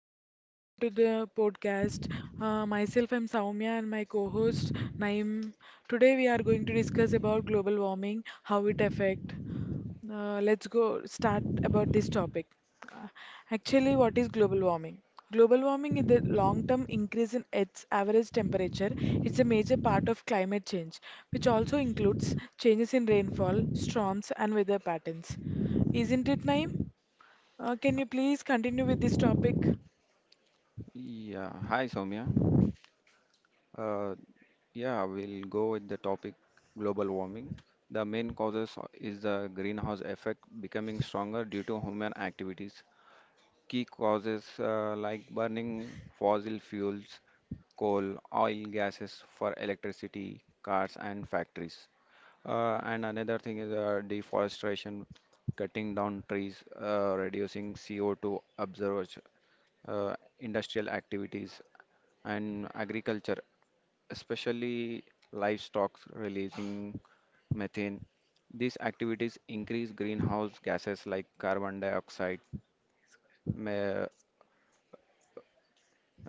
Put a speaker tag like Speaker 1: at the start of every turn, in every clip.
Speaker 1: people. Welcome to the podcast. Myself, I'm Soumya, and my co-host Naim. Today, we are going to discuss about global warming, how it affect. Let's go start about this topic. Uh, actually, what is global warming? Global warming is the long-term increase in Earth's average temperature. It's a major part of climate change, which also includes changes in rainfall, storms, and weather patterns. Isn't it, Naim? Can you please continue with this topic?
Speaker 2: Yeah, hi Soumya. Uh, yeah, we'll go with the topic global warming. The main causes is the greenhouse effect becoming stronger due to human activities. Key causes like burning fossil fuels, coal, oil, gases for electricity, cars, and factories. And another thing is deforestation, cutting down trees, reducing CO2 absorbers, uh, industrial activities, and agriculture, especially livestock releasing methane. These activities increase greenhouse gases like carbon dioxide, ma-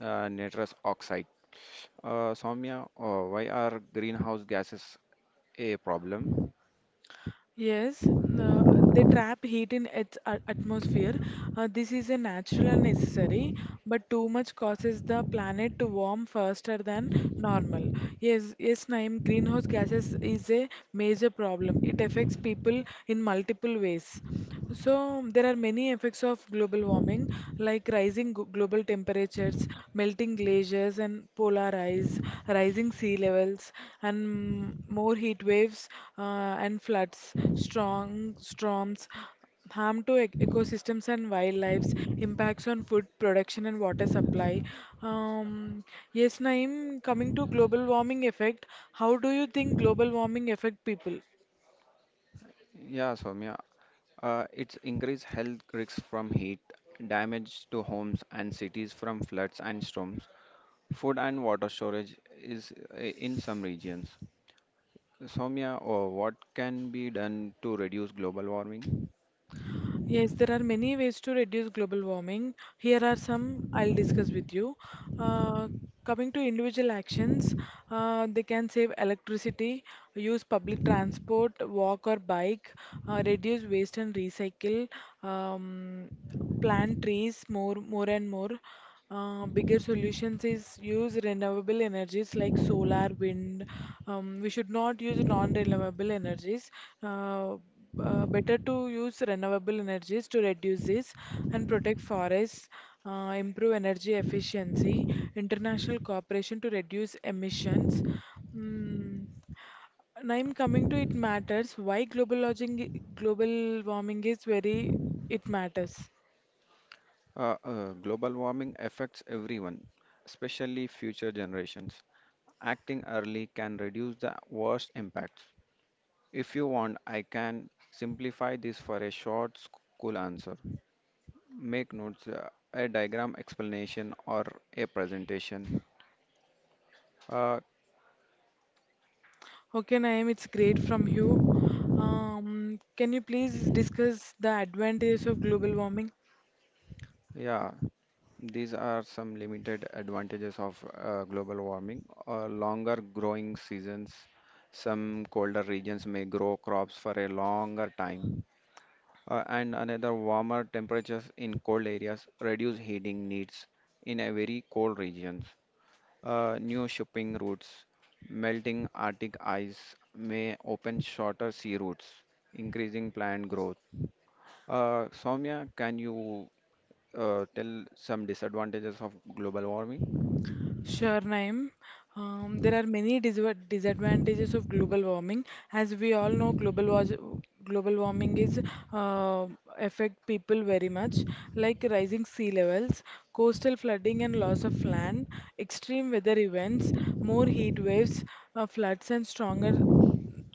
Speaker 2: nitrous oxide. Soumya, why are greenhouse gases a problem?
Speaker 1: Yes, uh, they trap heat in its atmosphere. This is a natural and necessary, but too much causes the planet to warm faster than normal. Yes, yes, Naeem, greenhouse gases is a major problem. It affects people in multiple ways. So, there are many effects of global warming, like rising global temperatures, melting glaciers and polar ice, rising sea levels, and more heat waves uh, and floods, strong storms, harm to ecosystems and wildlife, impacts on food production and water supply. Um, yes, Naeem, coming to global warming effect, how do you think global warming affect people?
Speaker 2: Yeah, Soumya, it's increased health risks from heat, damage to homes and cities from floods and storms. Food and water storage is in some regions. Soumya, what can be done to reduce global warming?
Speaker 1: Yes, there are many ways to reduce global warming. Here are some I'll discuss with you. Uh, Coming to individual actions, they can save electricity, use public transport, walk or bike, reduce waste and recycle. Um, Plant trees more and more. Bigger solutions is use renewable energies like solar wind. We should not use non-renewable energies. uh, Better to use renewable energies to reduce this, and protect forests, improve energy efficiency, international cooperation to reduce emissions. Mm, and I'm coming to it matters why global warming is very it matters.
Speaker 2: Global warming affects everyone, especially future generations. Acting early can reduce the worst impacts. If you want, I can simplify this for a short, cool answer. Make notes, a diagram explanation, or a presentation. Uh,
Speaker 1: Okay, Naeem, it's great from you. Can you please discuss the advantages of global warming?
Speaker 2: yeah, these are some limited advantages of global warming. Longer growing seasons, some colder regions may grow crops for a longer time. And another warmer temperatures in cold areas reduce heating needs in a very cold regions. New shipping routes. Melting Arctic ice may open shorter sea routes, increasing plant growth. Soumya, can you tell some disadvantages of global warming?
Speaker 1: Sure, Naeem. There are many disadvantages of global warming. As we all know, global warming is uh, affect people very much, like rising sea levels, coastal flooding and loss of land, extreme weather events, more heat waves, floods and stronger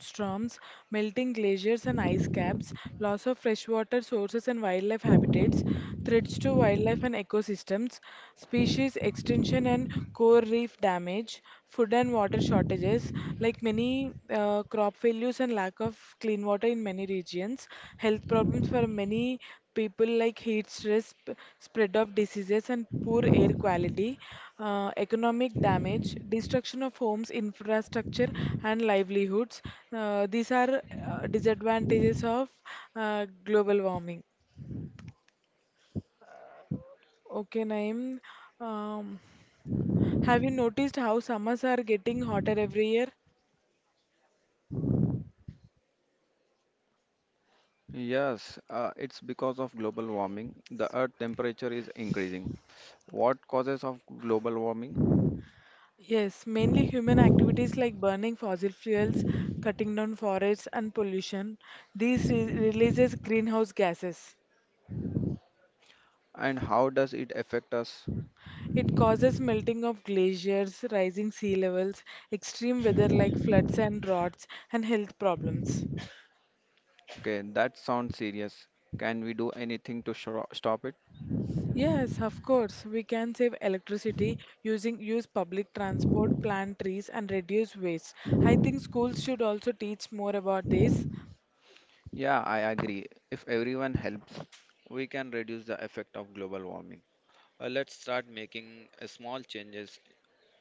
Speaker 1: storms, melting glaciers and ice caps, loss of freshwater sources and wildlife habitats, threats to wildlife and ecosystems, species extinction and core reef damage, food and water shortages, like many crop failures and lack of clean water in many regions, health problems for many people like heat stress, spread of diseases, and poor air quality, economic damage, destruction of homes, infrastructure, and livelihoods. These are disadvantages of global warming. Okay, Naeem. Um, have you noticed how summers are getting hotter every year?
Speaker 2: Yes, it's because of global warming. The Earth temperature is increasing. What causes of global warming
Speaker 1: Yes, mainly human activities like burning fossil fuels, cutting down forests, and pollution. These releases greenhouse gases.
Speaker 2: and how does it affect us?
Speaker 1: It causes melting of glaciers, rising sea levels, extreme weather like floods and droughts, and health problems.
Speaker 2: Okay, that sounds serious. Can we do anything to stop it?
Speaker 1: Yes, of course, we can save electricity, using use public transport, plant trees, and reduce waste. I think schools should also teach more about this.
Speaker 2: Yeah, I agree. If everyone helps, we can reduce the effect of global warming. Let's start making small changes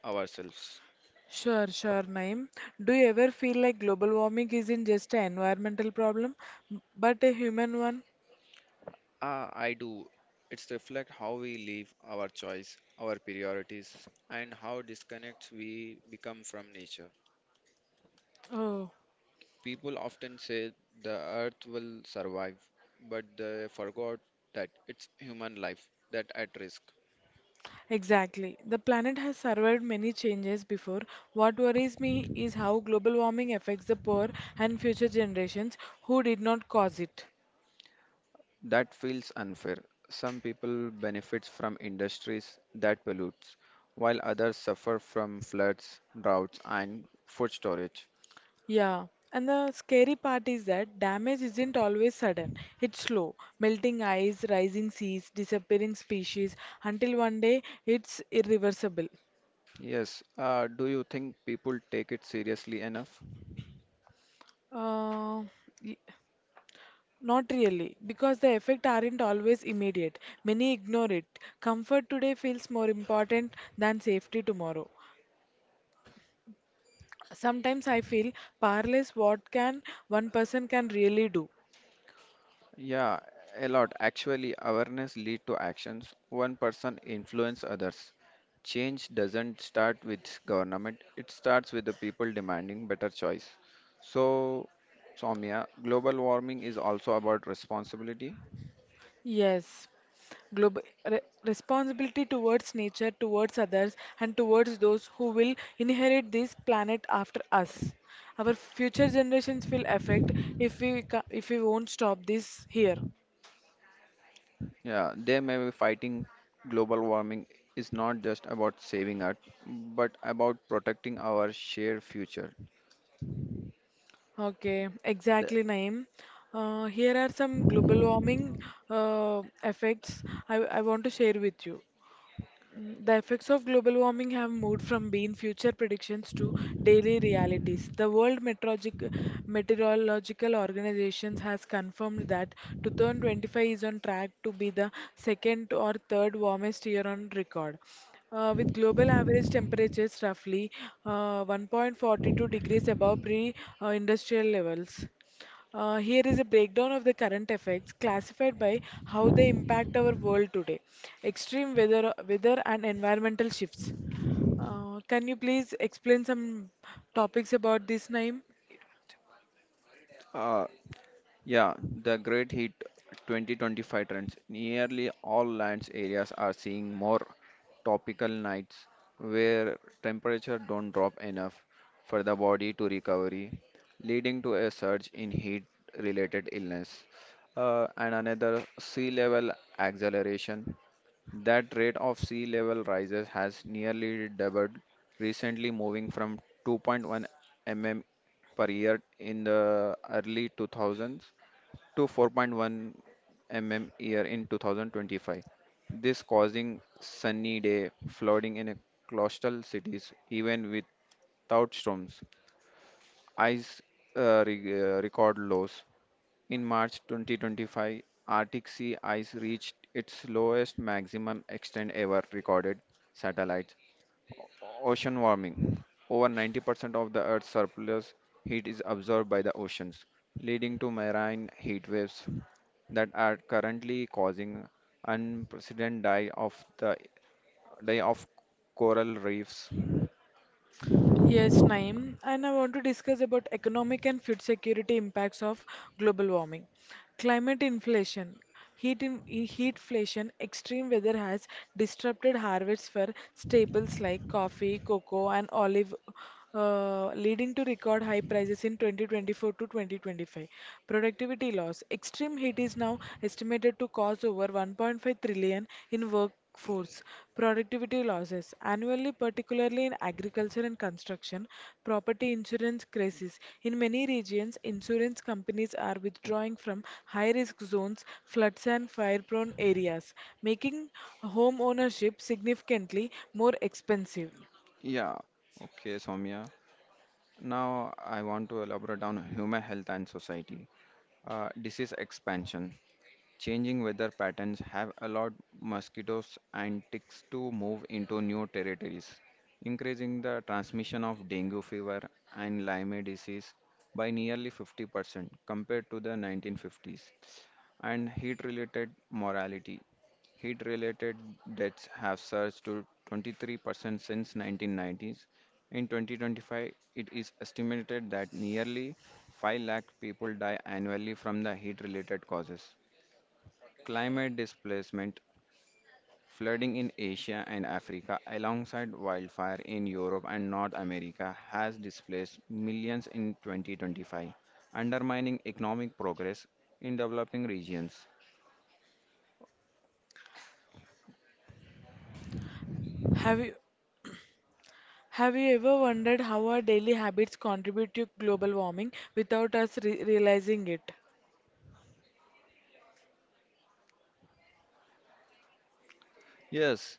Speaker 2: ourselves.
Speaker 1: Sure, sure, Naeem. Do you ever feel like global warming isn't just an environmental problem, but a human one?
Speaker 2: Ah, I do. It's reflect how we live, our choice, our priorities, and how disconnects we become from nature.
Speaker 1: Oh.
Speaker 2: People often say the earth will survive, but they forgot that it's human life that at risk.
Speaker 1: Exactly. The planet has survived many changes before. What worries me is how global warming affects the poor and future generations who did not cause it.
Speaker 2: That feels unfair. Some people benefit from industries that pollutes, while others suffer from floods, droughts, and food storage.
Speaker 1: Yeah. And the scary part is that damage isn't always sudden. It's slow. Melting ice, rising seas, disappearing species, until one day it's irreversible.
Speaker 2: Yes, do you think people take it seriously enough?
Speaker 1: Uh, Not really, because the effects aren't always immediate. Many ignore it. Comfort today feels more important than safety tomorrow. Sometimes I feel powerless what can one person can really do.
Speaker 2: Yeah, a lot. Actually, awareness lead to actions. One person influence others. Change doesn't start with government. It starts with the people demanding better choice. So, Soumya, global warming is also about responsibility.
Speaker 1: Yes, global responsibility towards nature, towards others, and towards those who will inherit this planet after us. Our future generations will affect if we won't stop this here.
Speaker 2: Yeah, they may be fighting global warming is not just about saving Earth, but about protecting our shared future.
Speaker 1: Okay,
Speaker 2: The,
Speaker 1: exactly, Naeem. Here are some global warming effects I want to share with you. The effects of global warming have moved from being future predictions to daily realities. The Meteorological Organization has confirmed that 2025 is on track to be the second or third warmest year on record. With global average temperatures roughly 1.42 degrees above pre-industrial levels. Here is a breakdown of the current effects classified by how they impact our world today. Extreme weather and environmental shifts. Can you please explain some topics about this, Naeem?
Speaker 2: uh, yeah, the Great Heat 2025 trends. Nearly all lands areas are seeing more tropical nights where temperature don't drop enough for the body to recovery, leading to a surge in heat-related illness. And another sea level acceleration. That rate of sea level rises has nearly doubled recently, moving from 2.1 mm per year in the early 2000s to 4.1 mm year in 2025. This causing sunny day flooding in a coastal cities even without storms. Ice, record lows. In March 2025, Arctic sea ice reached its lowest maximum extent ever recorded satellites. Ocean warming. Over 90% of the Earth's surplus heat is absorbed by the oceans, leading to marine heat waves that are currently causing unprecedented die of coral reefs.
Speaker 1: Yes, Naeem, and I want to discuss about economic and food security impacts of global warming. Climate inflation, heatflation, extreme weather has disrupted harvests for staples like coffee, cocoa, and olive, leading to record high prices in 2024 to 2025. Productivity loss, extreme heat is now estimated to cause over 1.5 trillion in work Fourth, productivity losses. Annually, particularly in agriculture and construction, property insurance crisis. In many regions, insurance companies are withdrawing from high risk zones, floods, and fire prone areas, making home ownership significantly more expensive.
Speaker 2: Yeah. Okay, Soumya. Now, I want to elaborate on human health and society. Disease expansion. Changing weather patterns have allowed mosquitoes and ticks to move into new territories, increasing the transmission of dengue fever and Lyme disease by nearly 50% compared to the 1950s. And heat related mortality. Heat related deaths have surged to 23% since 1990s. In 2025, it is estimated that nearly 5 lakh people die annually from the heat related causes. Climate displacement, flooding in Asia and Africa, alongside wildfire in Europe and North America, has displaced millions in 2025, undermining economic progress in developing regions.
Speaker 1: Have you, have you ever wondered how our daily habits contribute to global warming without us realizing it?
Speaker 2: Yes,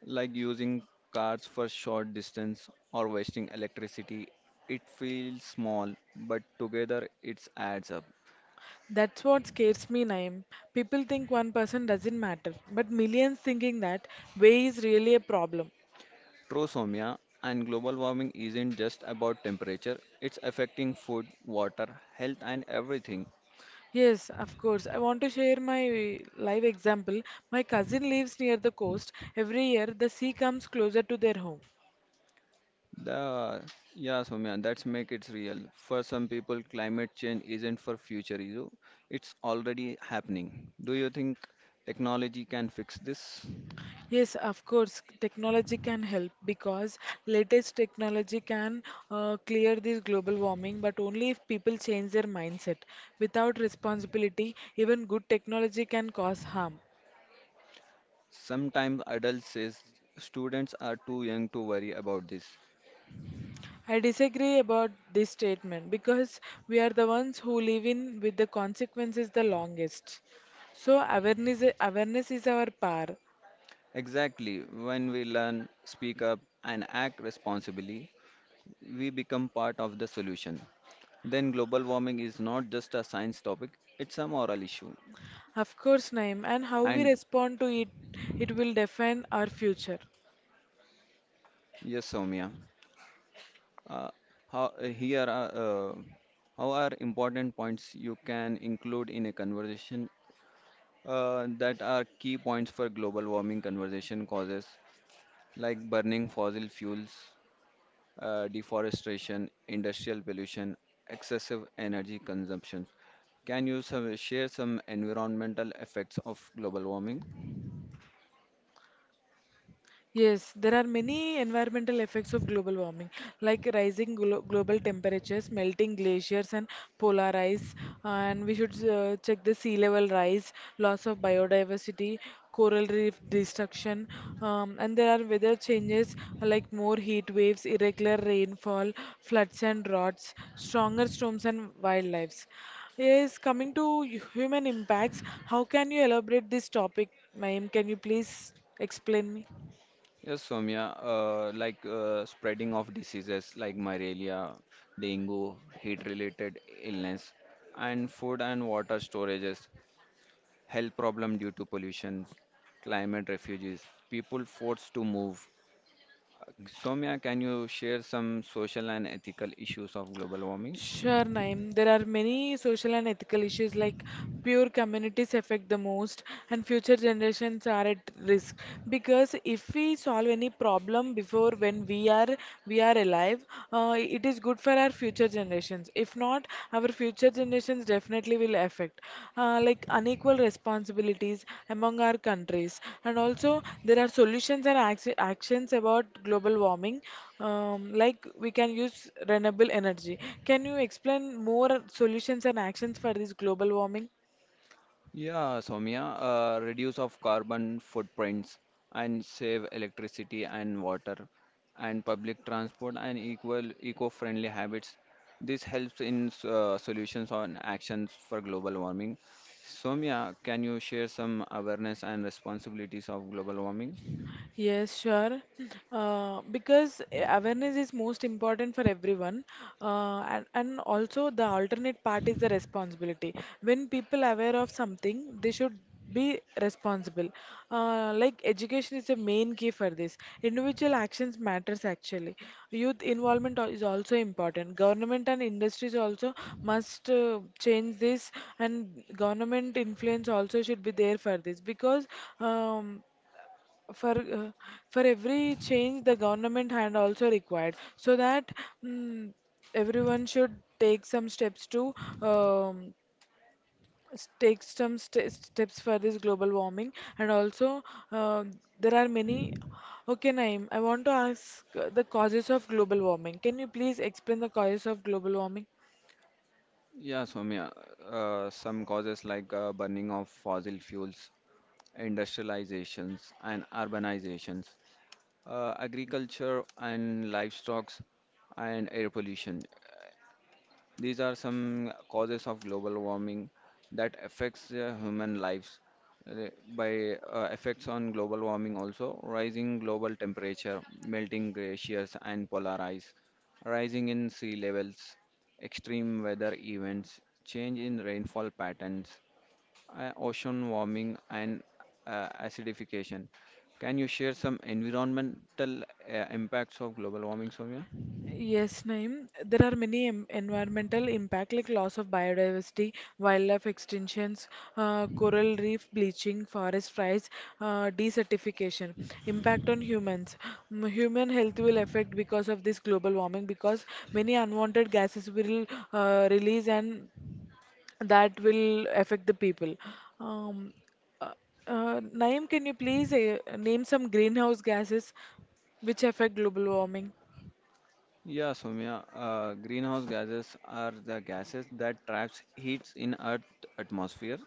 Speaker 2: like using cars for short distance or wasting electricity, it feels small, but together it adds up.
Speaker 1: That's what scares me, Naim. People think one person doesn't matter, but millions thinking that way is really a problem.
Speaker 2: True, Soumya, and global warming isn't just about temperature, it's affecting food, water, health, and everything.
Speaker 1: Yes, of course. I want to share my live example. My cousin lives near the coast. Every year, the sea comes closer to their home.
Speaker 2: The, yeah, Soumya, that's make it real. For some people, climate change isn't for future issue. It's already happening. Do you think technology can fix this?
Speaker 1: Yes, of course, technology can help because latest technology can clear this global warming, but only if people change their mindset. Without responsibility, even good technology can cause harm.
Speaker 2: Sometimes adults says students are too young to worry about this.
Speaker 1: I disagree about this statement because we are the ones who live in with the consequences the longest. So awareness is our power.
Speaker 2: Exactly. When we learn, speak up, and act responsibly, we become part of the solution. Then global warming is not just a science topic, it's a moral issue.
Speaker 1: Of course, Naim, and how we
Speaker 2: And
Speaker 1: respond to it it will define our future.
Speaker 2: yes, Soumya. Uh, how here are how are important points you can include in a conversation, that are key points for global warming conversation causes like burning fossil fuels, deforestation, industrial pollution, excessive energy consumption. Can you share some environmental effects of global warming?
Speaker 1: Yes, there are many environmental effects of global warming, like rising global temperatures, melting glaciers, and polar ice. And we should check the sea level rise, loss of biodiversity, coral reef destruction. And there are weather changes like more heat waves, irregular rainfall, floods and droughts, stronger storms, and wildlife. Yes, coming to human impacts, how can you elaborate this topic, ma'am? Can you please explain me?
Speaker 2: Yes, Soumya, like spreading of diseases like malaria, dengue, heat-related illness, and food and water storages, health problem due to pollution, climate refugees, people forced to move. Soumya, can you share some social and ethical issues of global warming?
Speaker 1: Sure, Naeem. There are many social and ethical issues like poor communities affect the most, and future generations are at risk. Because if we solve any problem before when we are alive, it is good for our future generations. If not, our future generations definitely will affect, like unequal responsibilities among our countries. And also, there are solutions and ac actions about global warming, like we can use renewable energy. Can you explain more solutions and actions for this global warming?
Speaker 2: Yeah, Soumya, reduce of carbon footprints and save electricity and water and public transport and equal eco-friendly habits. This helps in solutions on actions for global warming. Soumya, can you share some awareness and responsibilities of global warming?
Speaker 1: Yes, sure. Because awareness is most important for everyone, and also the alternate part is the responsibility. When people are aware of something, they should be responsible. Like education is the main key for this. Individual actions matters actually. Youth involvement is also important. Government and industries also must change this, and government influence also should be there for this because. Um, for for every change the government hand also required so that mm, everyone should take some steps to um, take some st steps for this global warming and also uh, there are many okay Naeem I want to ask the causes of global warming can you please explain the causes of global warming
Speaker 2: Yeah, Soumya, some causes like burning of fossil fuels, industrializations, and urbanizations, agriculture and livestock and air pollution. These are some causes of global warming that affects human lives. Uh, By effects on global warming also, rising global temperature, melting glaciers and polar ice, rising in sea levels, extreme weather events, change in rainfall patterns, ocean warming and acidification. Can you share some environmental impacts of global warming, Soumya?
Speaker 1: Yes, Naeem. There are many environmental impact like loss of biodiversity, wildlife extinctions, coral reef bleaching, forest fires, desertification. Impact on humans. Human health will affect because of this global warming because many unwanted gases will release and that will affect the people. Um, uh, Naeem, can you please name some greenhouse gases which affect global warming?
Speaker 2: Yeah, Soumya. Greenhouse gases are the gases that traps heats in Earth atmosphere.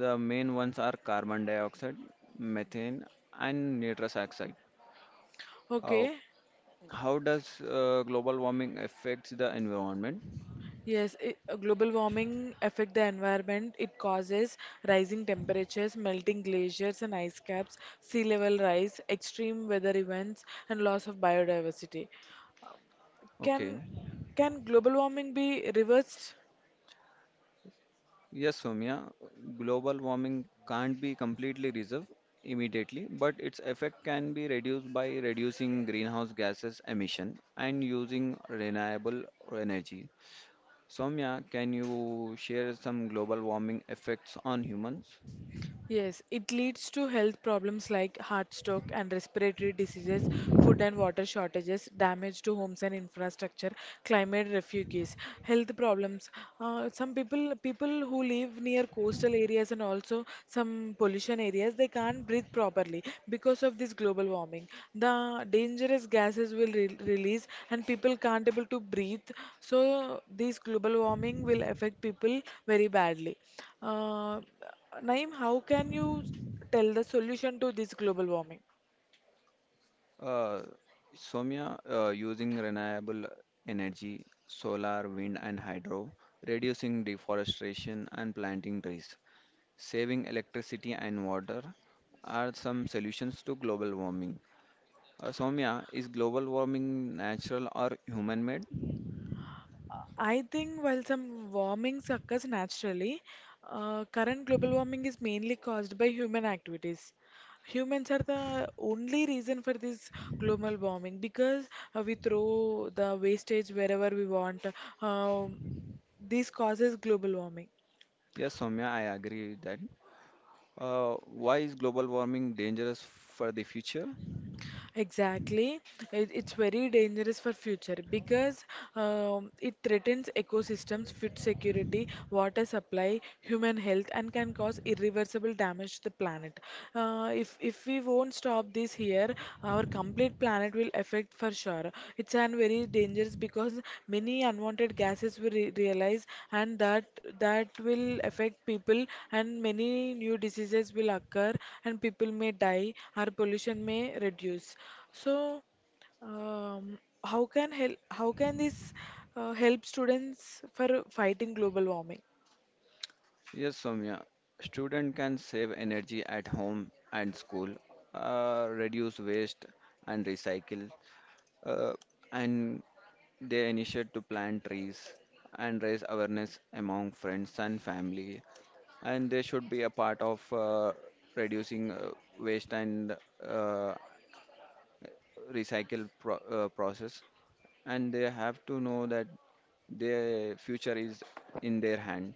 Speaker 2: The main ones are carbon dioxide, methane, and nitrous oxide. Uh,
Speaker 1: Okay.
Speaker 2: how does global warming affects the environment?
Speaker 1: Yes, I global warming affect the environment. It causes rising temperatures, melting glaciers and ice caps, sea level rise, extreme weather events, and loss of biodiversity. Can
Speaker 2: Okay.
Speaker 1: can global warming be reversed?
Speaker 2: Yes, Soumya, global warming can't be completely resolved immediately, but its effect can be reduced by reducing greenhouse gases emission and using renewable energy. Soumya, can you share some global warming effects on humans?
Speaker 1: Yes, it leads to health problems like heart stroke and respiratory diseases, food and water shortages, damage to homes and infrastructure, climate refugees, health problems. Some people who live near coastal areas and also some pollution areas, they can't breathe properly because of this global warming. The dangerous gases will re release and people can't able to breathe. So this global warming will affect people very badly. Uh, Naeem, how can you tell the solution to this global warming?
Speaker 2: Uh, Soumya, using renewable energy, solar, wind, and hydro, reducing deforestation and planting trees, saving electricity and water are some solutions to global warming. Soumya, is global warming natural or human made?
Speaker 1: I think while some warmings occurs naturally, current global warming is mainly caused by human activities. Humans are the only reason for this global warming because we throw the wastage wherever we want. Um this causes global warming.
Speaker 2: Yes, Soumya, I agree with that. Why is global warming dangerous for the future?
Speaker 1: Exactly. It's very dangerous for future because it threatens ecosystems, food security, water supply, human health, and can cause irreversible damage to the planet. If we won't stop this here, our complete planet will affect for sure. It's an very dangerous because many unwanted gases we re realize and that will affect people, and many new diseases will occur, and people may die or pollution may reduce. So um, how can this help students for fighting global warming?
Speaker 2: Yes, Soumya, student can save energy at home and school, reduce waste and recycle, uh, and they initiate to plant trees and raise awareness among friends and family and they should be a part of reducing waste and uh, recycle process and they have to know that their future is in their hand.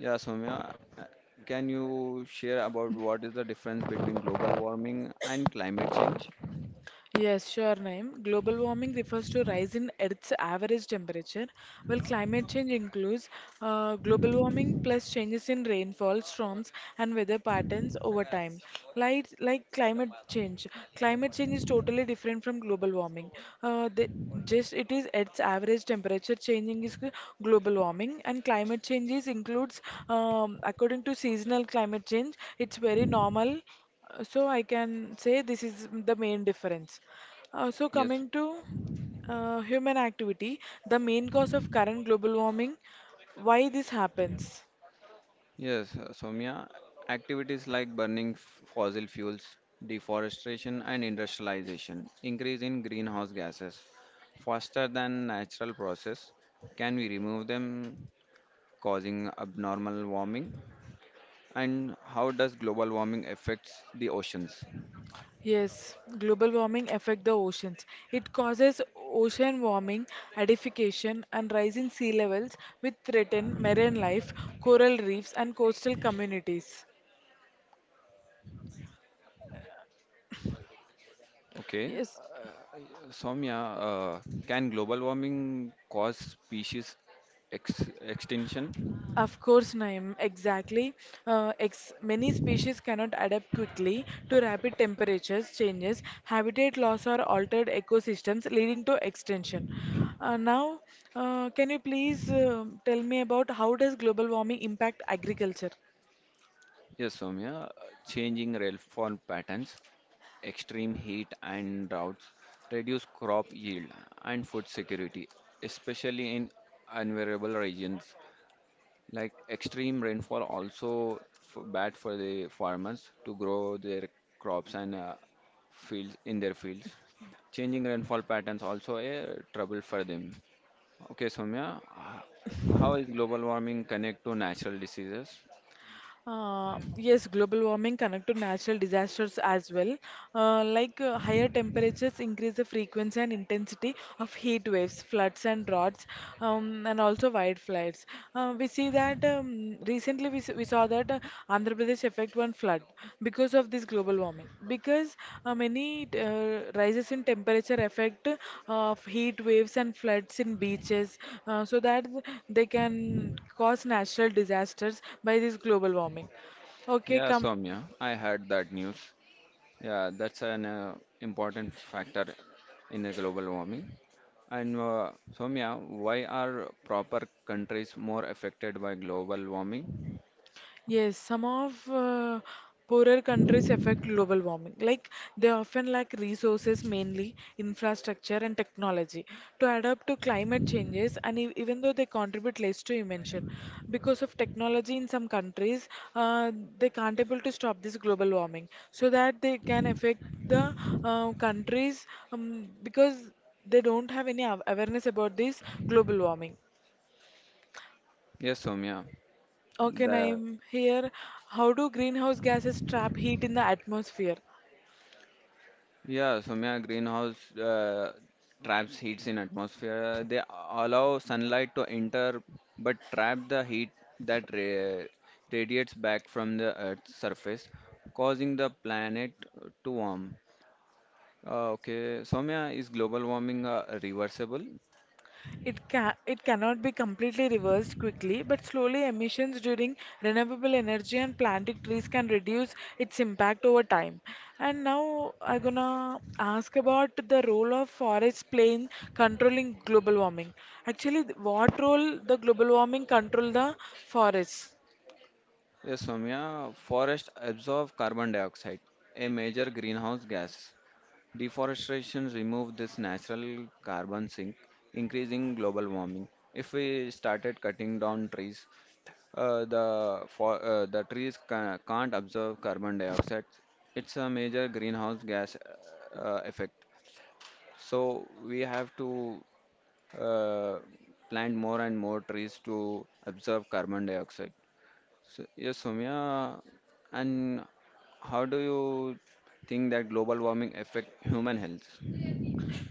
Speaker 2: Yeah, Soumya, uh, can you share about what is the difference between global warming and climate change?
Speaker 1: Yes, sure, Naeem. Global warming refers to rise in Earth's average temperature, while climate change includes global warming plus changes in rainfall, storms, and weather patterns over time. Like, like climate change, climate change is totally different from global warming. Uh, the, just it is Earth's average temperature changing is global warming, and climate changes includes according to seasonal climate change. It's very normal. So I can say this is the main difference. So
Speaker 2: Yes,
Speaker 1: coming to human activity, the main cause of current global warming, why this happens?
Speaker 2: yes, Soumya, activities like burning fossil fuels, deforestation, and industrialization increase in greenhouse gases faster than natural process? Can we remove them causing abnormal warming? And how does global warming affects the oceans?
Speaker 1: Yes, global warming affect the oceans. It causes ocean warming, acidification, and rising sea levels, which threaten marine life, coral reefs, and coastal communities.
Speaker 2: Okay,
Speaker 1: Yes,
Speaker 2: Soumya, uh, can global warming cause species ex extinction?
Speaker 1: of course, Naim, exactly. Ex Many species cannot adapt quickly to rapid temperatures changes, habitat loss, or altered ecosystems, leading to extinction. Uh, now, can you please tell me about how does global warming impact agriculture?
Speaker 2: Yes, Soumya, changing rainfall patterns, extreme heat and droughts reduce crop yield and food security, especially in unvariable regions. Like extreme rainfall also f bad for the farmers to grow their crops and fields in their fields. Changing rainfall patterns also a trouble for them. Okay, Soumya, how is global warming connect to natural diseases?
Speaker 1: Yes, global warming connect to natural disasters as well. Higher temperatures increase the frequency and intensity of heat waves, floods and droughts, and also wildfires. We see that recently we saw that Andhra Pradesh effect one flood because of this global warming. Because many rises in temperature affect of heat waves and floods in beaches, so that they can cause natural disasters by this global warming. Okay,
Speaker 2: Yeah,
Speaker 1: come.
Speaker 2: Soumya, I heard that news. Yeah, that's an important factor in the global warming. And Soumya, why are proper countries more affected by global warming?
Speaker 1: Yes, some of poorer countries affect global warming. Like they often lack resources, mainly infrastructure and technology, to adapt to climate changes. And e even though they contribute less to emission, because of technology in some countries, uh, they can't able to stop this global warming, so that they can affect the countries, because they don't have any awareness about this global warming.
Speaker 2: Yes, Soumya.
Speaker 1: Okay,
Speaker 2: The
Speaker 1: I'm here. How do greenhouse gases trap heat in the atmosphere?
Speaker 2: Yeah, Soumya, greenhouse traps heats in atmosphere. They allow sunlight to enter but trap the heat that ra radiates back from the Earth's surface, causing the planet to warm. Okay, Soumya, is global warming reversible?
Speaker 1: It cannot be completely reversed quickly, but slowly emissions during renewable energy and planting trees can reduce its impact over time. And now I'm gonna ask about the role of forests playing controlling global warming. Actually, what role the global warming control the forests?
Speaker 2: Yes, Soumya, forests absorb carbon dioxide, a major greenhouse gas. Deforestation removed this natural carbon sink, increasing global warming. If we started cutting down trees, the trees ca can't absorb carbon dioxide. It's a major greenhouse gas effect. So we have to uh, plant more and more trees to absorb carbon dioxide. So, yes, Soumya, and how do you think that global warming affect human health?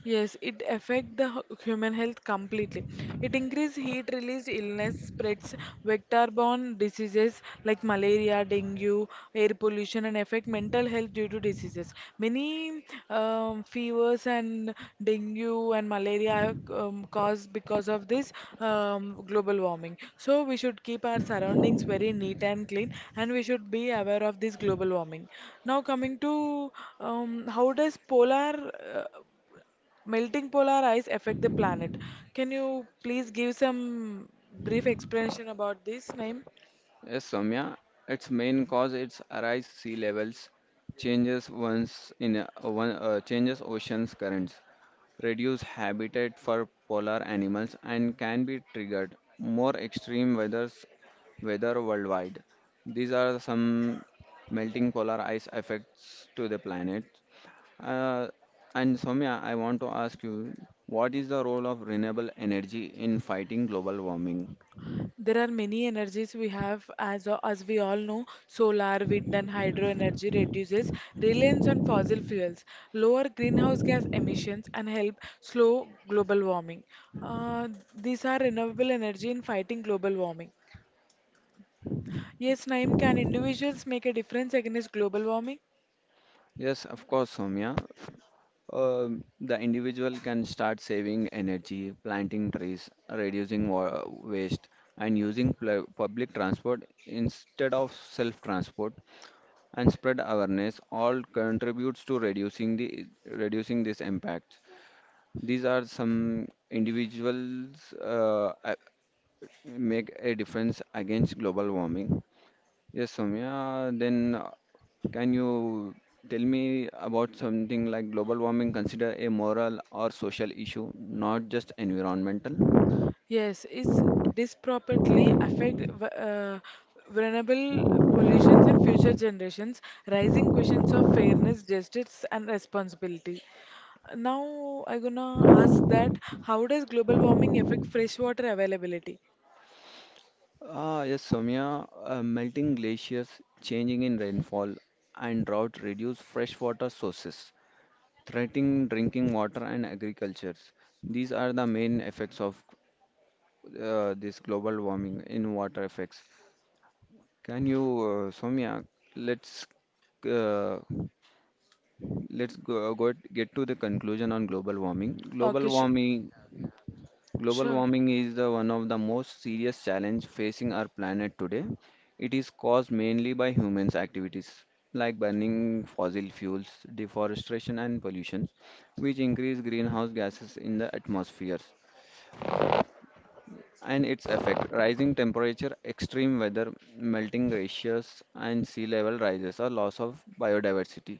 Speaker 1: Yes, it affect the human health completely. It increase heat release illness, spreads vector-borne diseases like malaria, dengue, air pollution, and affect mental health due to diseases. Many fevers and dengue and malaria are caused because of this global warming. So we should keep our surroundings very neat and clean, and we should be aware of this global warming. Now coming to how does polar uh, melting polar ice affect the planet. Can you please give some brief explanation about this, Naim?
Speaker 2: Yes, Soumya, its main cause is arise sea levels, changes once in a, one, changes oceans currents, reduce habitat for polar animals and can be triggered more extreme weathers weather worldwide. These are some melting polar ice effects to the planet. Uh, and Soumya, I want to ask you, what is the role of renewable energy in fighting global warming?
Speaker 1: There are many energies we have, as we all know, solar, wind, and hydro energy reduces reliance on fossil fuels, lower greenhouse gas emissions, and help slow global warming. Uh, these are renewable energy in fighting global warming. Yes, Naim, can individuals make a difference against global warming?
Speaker 2: Yes, of course, Soumya. The individual can start saving energy, planting trees, reducing waste, and using public transport instead of self-transport, and spread awareness. All contributes to reducing this impact. These are some individuals make a difference against global warming. Yes, Soumya. Then can you tell me about something like global warming consider a moral or social issue, not just environmental?
Speaker 1: Yes, it's disproportionately affect vulnerable populations and future generations, raising questions of fairness, justice, and responsibility. Now I'm gonna ask that how does global warming affect freshwater availability?
Speaker 2: Ah, yes, Soumya. Melting glaciers, changing in rainfall, and drought reduce freshwater sources, threatening drinking water and agriculture. These are the main effects of this global warming in water effects. Can you, Soumya, let's uh, let's get to the conclusion on global warming. Global
Speaker 1: Okay, sh
Speaker 2: warming, global
Speaker 1: Sure.
Speaker 2: warming is the one of the most serious challenge facing our planet today. It is caused mainly by humans' activities like burning fossil fuels, deforestation, and pollution, which increase greenhouse gases in the atmospheres. And its effect, rising temperature, extreme weather, melting glaciers, and sea level rises or loss of biodiversity.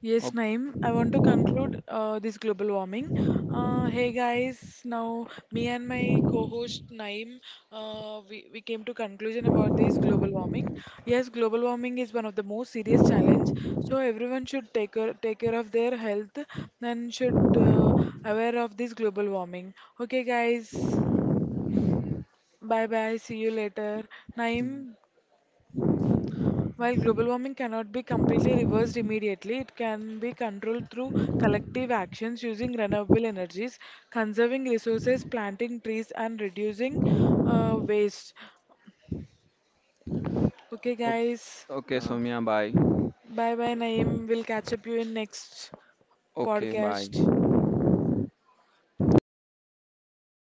Speaker 1: Yes,
Speaker 2: Okay,
Speaker 1: Naeem, I want to conclude this global warming. Hey guys, now me and my co-host Naeem, we came to conclusion about this global warming. Yes, global warming is one of the most serious challenge, so everyone should take care of their health and should aware of this global warming. Okay guys, bye bye, see you later. Naeem, while global warming cannot be completely reversed immediately, it can be controlled through collective actions using renewable energies, conserving resources, planting trees, and reducing waste. Okay, guys.
Speaker 2: okay, ok,
Speaker 1: Uh,
Speaker 2: Soumya, bye.
Speaker 1: Bye bye, Naeem. We'll catch up you in next
Speaker 2: Okay,
Speaker 1: podcast.
Speaker 2: bye.